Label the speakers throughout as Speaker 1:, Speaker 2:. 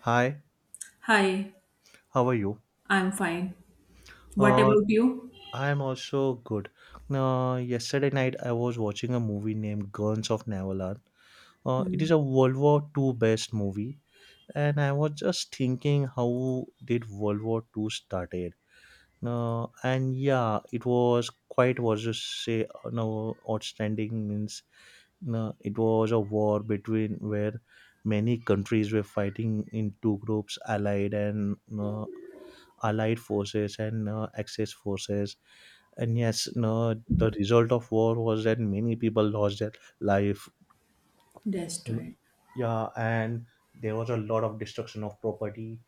Speaker 1: Hi,
Speaker 2: Hi,
Speaker 1: how are you?
Speaker 2: I'm fine. What
Speaker 1: Uh,
Speaker 2: about you?
Speaker 1: I'm also good. Yesterday night I was watching a movie named Guns of Navarone. It is a World War Two based movie, and I was just thinking how did World War Two started? And yeah, it was quite was to say no outstanding means it was a war between where many countries were fighting in two groups, Allied and allied forces and axis forces, and yes no, the result of war was that many people lost their life. And,
Speaker 2: Destroyed.
Speaker 1: yeah, and there was a lot of destruction of property.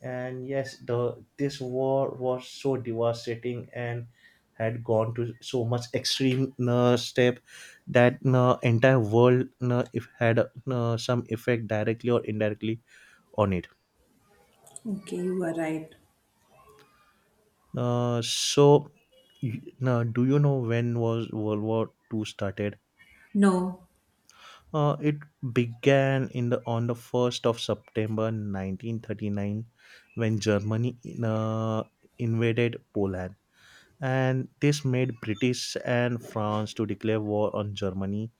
Speaker 1: And yes, the this war was so devastating and had gone to so much extreme step that the entire world if had some effect directly or indirectly on it.
Speaker 2: Okay, you are right.
Speaker 1: So, now, do you know when was World War Two started?
Speaker 2: No.
Speaker 1: It began in the on the first of September 1939, when Germany uh, invaded Poland, and this made British and France to declare war on Germany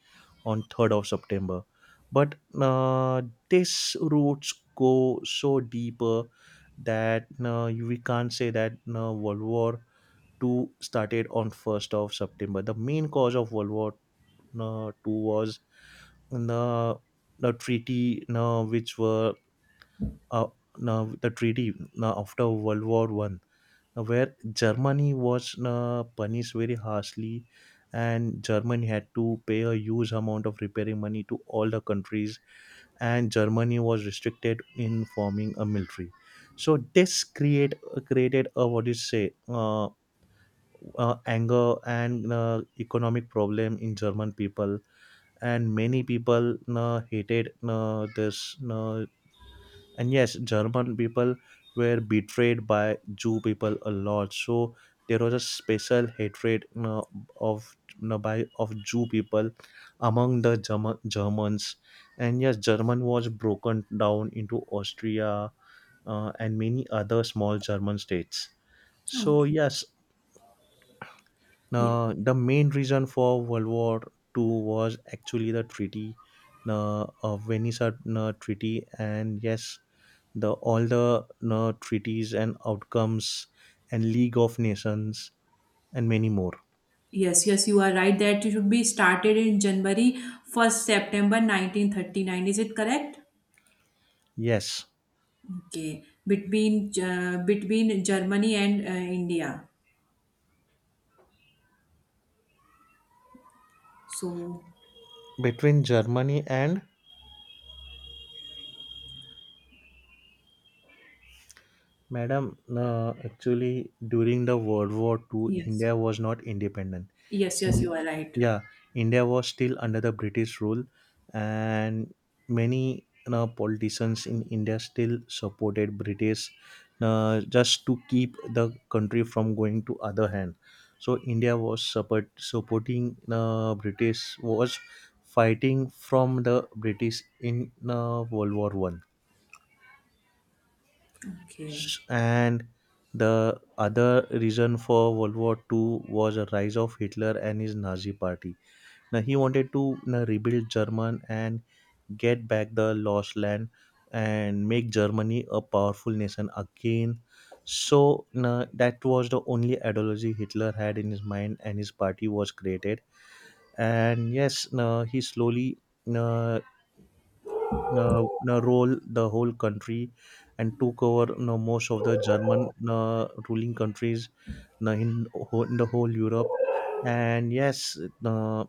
Speaker 1: on third of September. But uh, these roots go so deeper that we can't say that World War Two started on 1st of September. The main cause of World War Two was the the treaty which were uh, the treaty after World War One, where Germany was punished very harshly, and Germany had to pay a huge amount of repairing money to all the countries, and Germany was restricted in forming a military. So this created a what do you say? Anger and economic problem in German people, and many people hated this. And yes, German people were betrayed by Jew people a lot. So there was a special hatred of by of Jew people among the Germans. And yes, German was broken down into Austria and many other small German states. So
Speaker 2: Okay.
Speaker 1: yes,
Speaker 2: Ye-
Speaker 1: now, the main reason for World War Two was actually the treaty, the Venice Treaty, and yes, the all the treaties and outcomes, and League of Nations, and many more.
Speaker 2: Yes, yes, you are right that it should be started in January 1st September 1939. Is it correct?
Speaker 1: Yes,
Speaker 2: Okay. Between between Germany and India. So,
Speaker 1: between Germany and Madam, actually during the World War Two,
Speaker 2: yes.
Speaker 1: India was not independent.
Speaker 2: Yes,
Speaker 1: In
Speaker 2: yes, you are right.
Speaker 1: yeah, India was still under the British rule, and many, you know, politicians in India still supported British just to keep the country from going to other hand. So India was support, supporting British was fighting from the British in world war 1.
Speaker 2: Okay.
Speaker 1: And the other reason for world war 2 was a rise of Hitler and his Nazi party. Now he wanted to, you, rebuild German and get back the lost land and make Germany a powerful nation again. So you, that was the only ideology Hitler had in his mind, and his party was created. And yes, you, he slowly, you, role the whole country and took over, you, most of the German ruling countries, you, in the whole Europe. And yes, uh,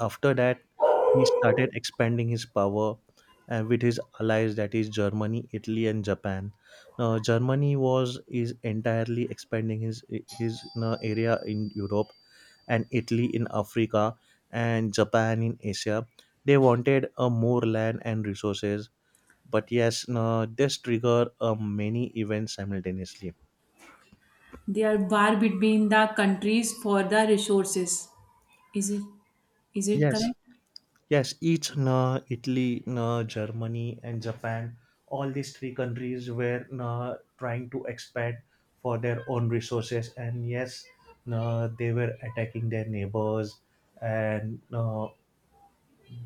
Speaker 1: after that, he started expanding his power with his allies, that is Germany, Italy, and Japan. Now, Germany was is entirely expanding his you area in Europe, and Italy in Africa, and Japan in Asia. They wanted a more land and resources, but yes, no, this trigger many events simultaneously.
Speaker 2: There are war between the countries for the resources. Is it is it
Speaker 1: Yes,
Speaker 2: correct?
Speaker 1: yes, each no, Italy, no, Germany, and Japan, all these three countries were, no, trying to expand for their own resources, and yes, no, they were attacking their neighbors, and no,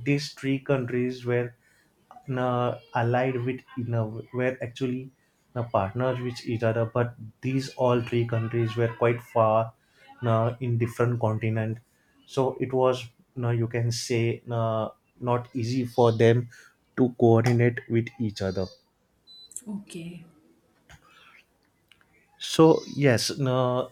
Speaker 1: these three countries were na allied with na were actually na partners with each other, but these all three countries were quite far na in different continent. So it was na, you can say, na not easy for them to coordinate with each other.
Speaker 2: Okay.
Speaker 1: So yes, no,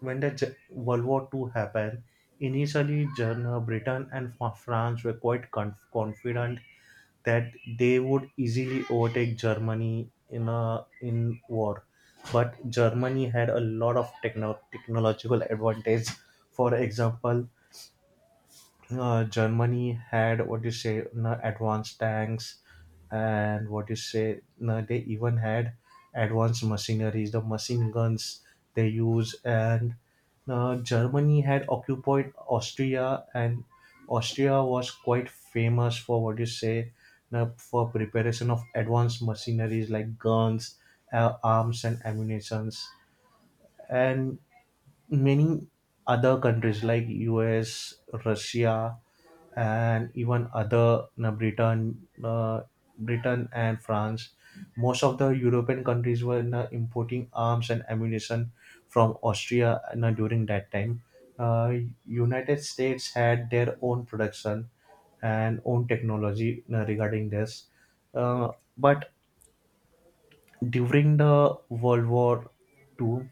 Speaker 1: when the world war Two happened, initially britain and france were quite confident that they would easily overtake Germany in a in war. But Germany had a lot of technological advantage. For example, Germany had what you say na advanced tanks, and what you say na they even had advanced machineries, the machine guns they use. And na Germany had occupied Austria, and Austria was quite famous for what you say na for preparation of advanced machineries like guns, arms and ammunitions, and many other countries like US, Russia, and even other Britain, Britain and France. Most of the European countries were importing arms and ammunition from Austria during that time. Uh, United States had their own production and own technology regarding this. Uh, but during the World War Two,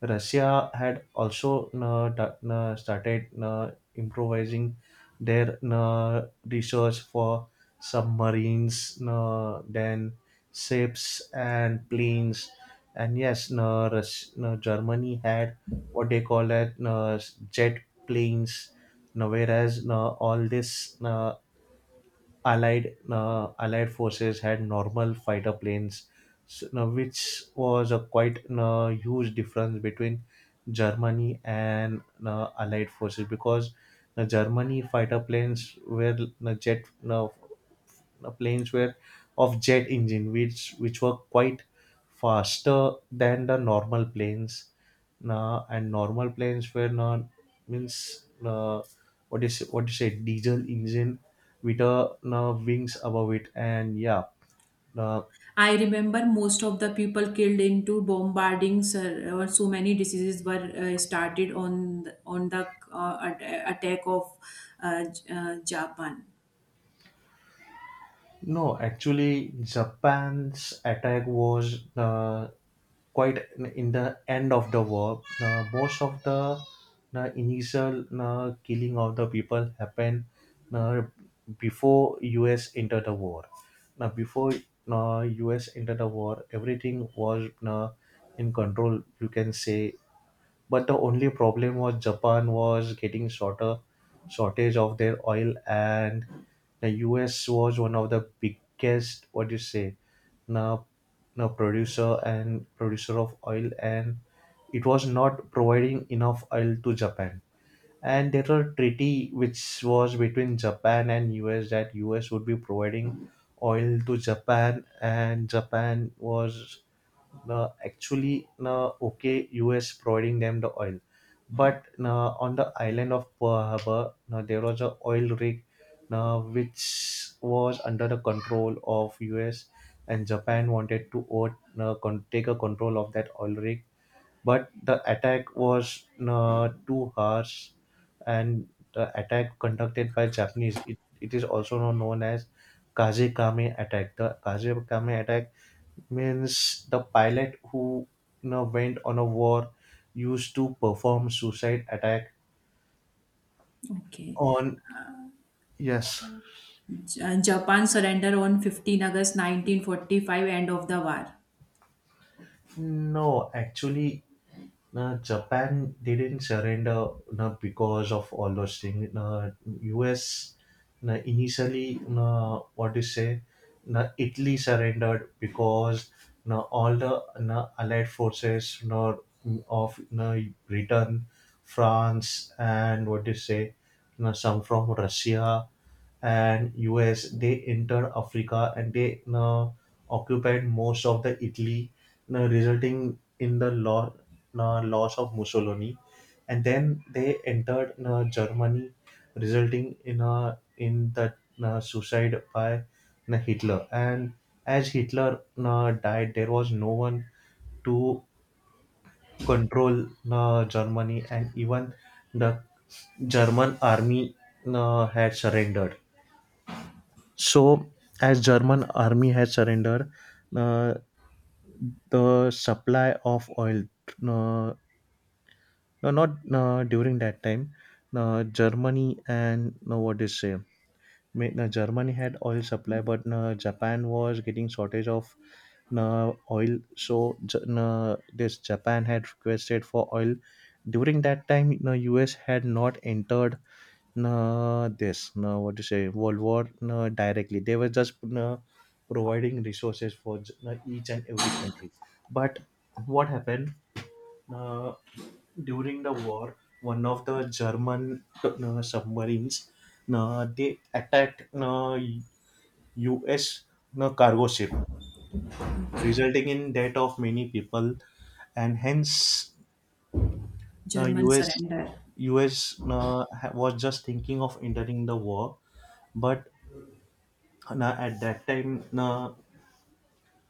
Speaker 1: Russia had also started improvising their research for submarines, then ships and planes. And yes, Germany had what they call it jet planes. Now, whereas all this Allied forces had normal fighter planes, which was a quite huge difference between Germany and Allied forces, because the Germany fighter planes were jet planes were of jet engine which were quite faster than the normal planes, and normal planes were not means what is what do you say diesel engine with a wings above it, and yeah, uh,
Speaker 2: I remember most of the people killed into bombardings or so many diseases were started on on the attack of Japan.
Speaker 1: no actually Japan's attack was quite in the end of the war. Most of the initial killing of the people happened uh, before us entered the war. Now before uh, us entered the war, everything was in control, you can say, but the only problem was Japan was getting shorter shortage of their oil, and the US was one of the biggest what do you say, now, now producer and producer of oil, and it was not providing enough oil to Japan. And there were treaty which was between Japan and US, that US would be providing oil to Japan, and Japan was actually okay us providing them the oil. But on the island of Pearl Harbor, there was a oil rig which was under the control of us, and Japan wanted to take a control of that oil rig. But the attack was too harsh, and the attack conducted by Japanese, it is also now known as Kazekame attack. The Kazekame attack means the pilot who, you know, went on a war used to perform suicide attack
Speaker 2: Okay,
Speaker 1: on yes
Speaker 2: Japan surrender on 15 August 1945, end of the war.
Speaker 1: no actually. Now, Japan didn't surrender now because of all those things. Now, US now initially, now, what do you say, now, Italy surrendered because, now, all the now, allied forces now, of now, Britain, France, and what do you say, now, some from Russia and US, they entered Africa, and they occupied most of the Italy, resulting in the loss of Mussolini. And then they entered Germany, resulting in a in the suicide by Hitler. And as Hitler died, there was no one to control Germany, and even the German army had surrendered. So, as German army had surrendered, uh, the supply of oil, uh, no, not during that time, Germany and no, what do you say, Ma- na Germany had oil supply, but na Japan was getting shortage of na oil. So J- no, this Japan had requested for oil. During that time, na US had not entered na this na what to say World War na directly. They were just na providing resources for j- no, each and every country. But what happened? Uh, During the war, one of the German submarines they attacked U.S. Cargo ship,
Speaker 2: Okay,
Speaker 1: resulting in death of many people, and hence
Speaker 2: German
Speaker 1: uh, U.S.
Speaker 2: surrender.
Speaker 1: U.S. Was just thinking of entering the war, but at that time,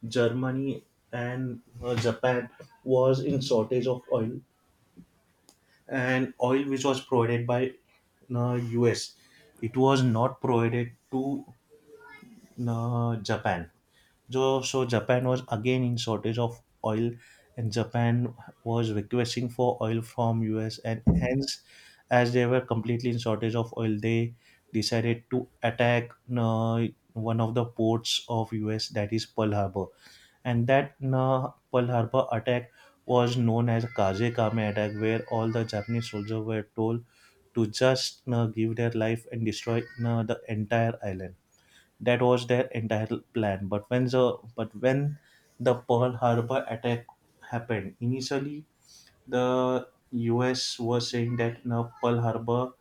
Speaker 1: Germany and Japan was in shortage of oil, and oil which was provided by uh, US. It was not provided to Japan. So, so Japan was again in shortage of oil, and Japan was requesting for oil from US, and hence, as they were completely in shortage of oil, they decided to attack one of the ports of US, that is Pearl Harbor. And that Pearl Harbor attack was known as Kazekame attack, where all the Japanese soldiers were told to just give their life and destroy the entire island. That was their entire plan. But when the Pearl Harbor attack happened, initially the US was saying that no Pearl Harbor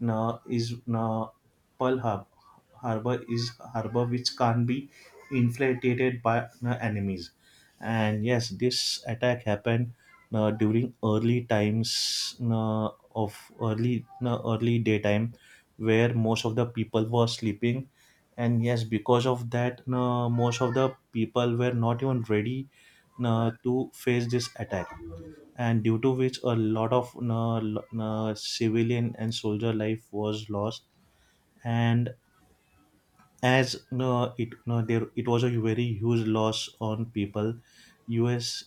Speaker 1: no is no Pearl Har- Harbor is harbor which can't be infiltrated by na enemies. And yes, this attack happened na during early times, no, of early no early daytime, where most of the people were sleeping, and yes, because of that, no, most of the people were not even ready, no, to face this attack, and due to which a lot of civilian and soldier life was lost. And as no, it no, there it was a very huge loss on people. U.S.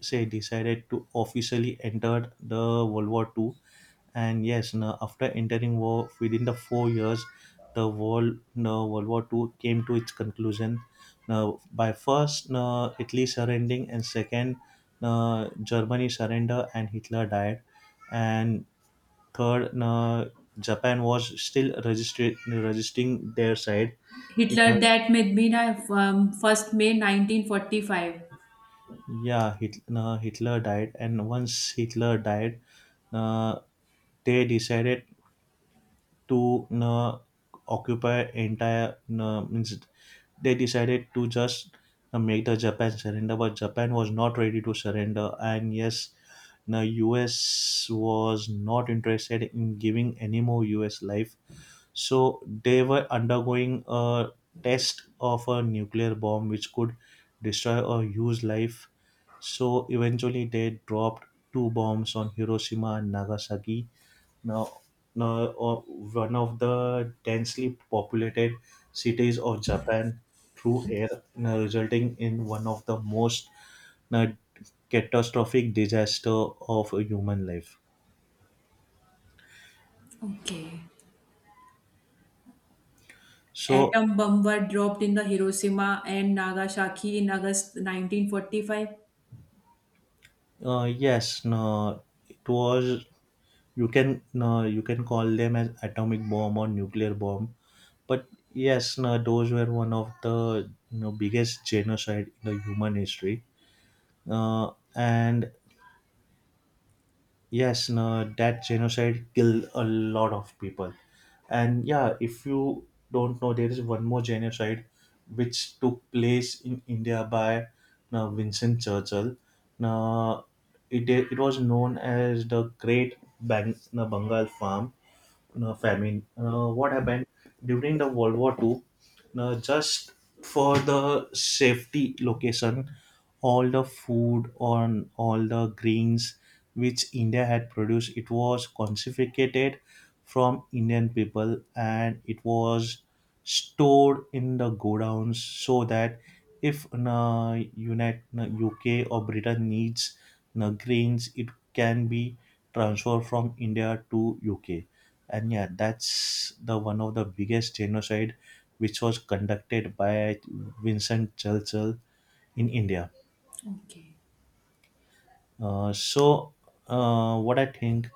Speaker 1: say decided to officially enter the World War Two, and yes, no, after entering war within the 4 years, the world no, World War Two came to its conclusion. Now, by first no, Italy surrendering, and second no, Germany surrender, and Hitler died, and third no, Japan was still registering their side in
Speaker 2: Hitler
Speaker 1: the.
Speaker 2: that made me first May 1945.
Speaker 1: Yeah, Hitler died, and once Hitler died, uh, they decided to occupy entire. Means they decided to just make the Japan surrender, but Japan was not ready to surrender. And yes, the U.S. was not interested in giving any more U.S. life, so they were undergoing a test of a nuclear bomb which could destroy a huge life. So eventually they dropped two bombs on Hiroshima and Nagasaki. Now, now one of the densely populated cities of Japan through air, now resulting in one of the most, now, catastrophic disaster of a human life.
Speaker 2: Okay.
Speaker 1: So
Speaker 2: Atom bomb were dropped in the Hiroshima and Nagasaki in August 1945.
Speaker 1: yes, no, it was, you can, no, you can call them as atomic bomb or nuclear bomb, but yes no, those were one of the, you know, biggest genocide in the human history. And yes no, that genocide killed a lot of people. And yeah, if you don't know, there is one more genocide which took place in India by Vincent Churchill. Now it was known as the great Bang, no, Bengal farm no, famine. What happened during the World War Two? No, just for the safety location, all the food on all the grains which India had produced, it was confiscated from Indian people, and it was stored in the godowns so that if na unit na UK or Britain needs na grains, it can be transferred from India to UK. And yeah, that's the one of the biggest genocide which was conducted by Vincent Churchill in India.
Speaker 2: Okay.
Speaker 1: So, what I think,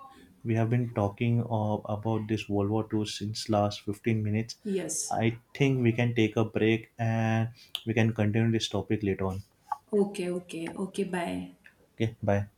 Speaker 1: we have been talking about this World War Two since last 15 minutes.
Speaker 2: Yes.
Speaker 1: I think we can take a break, and we can continue this topic later on.
Speaker 2: Okay, okay, okay. Bye.
Speaker 1: Okay, bye.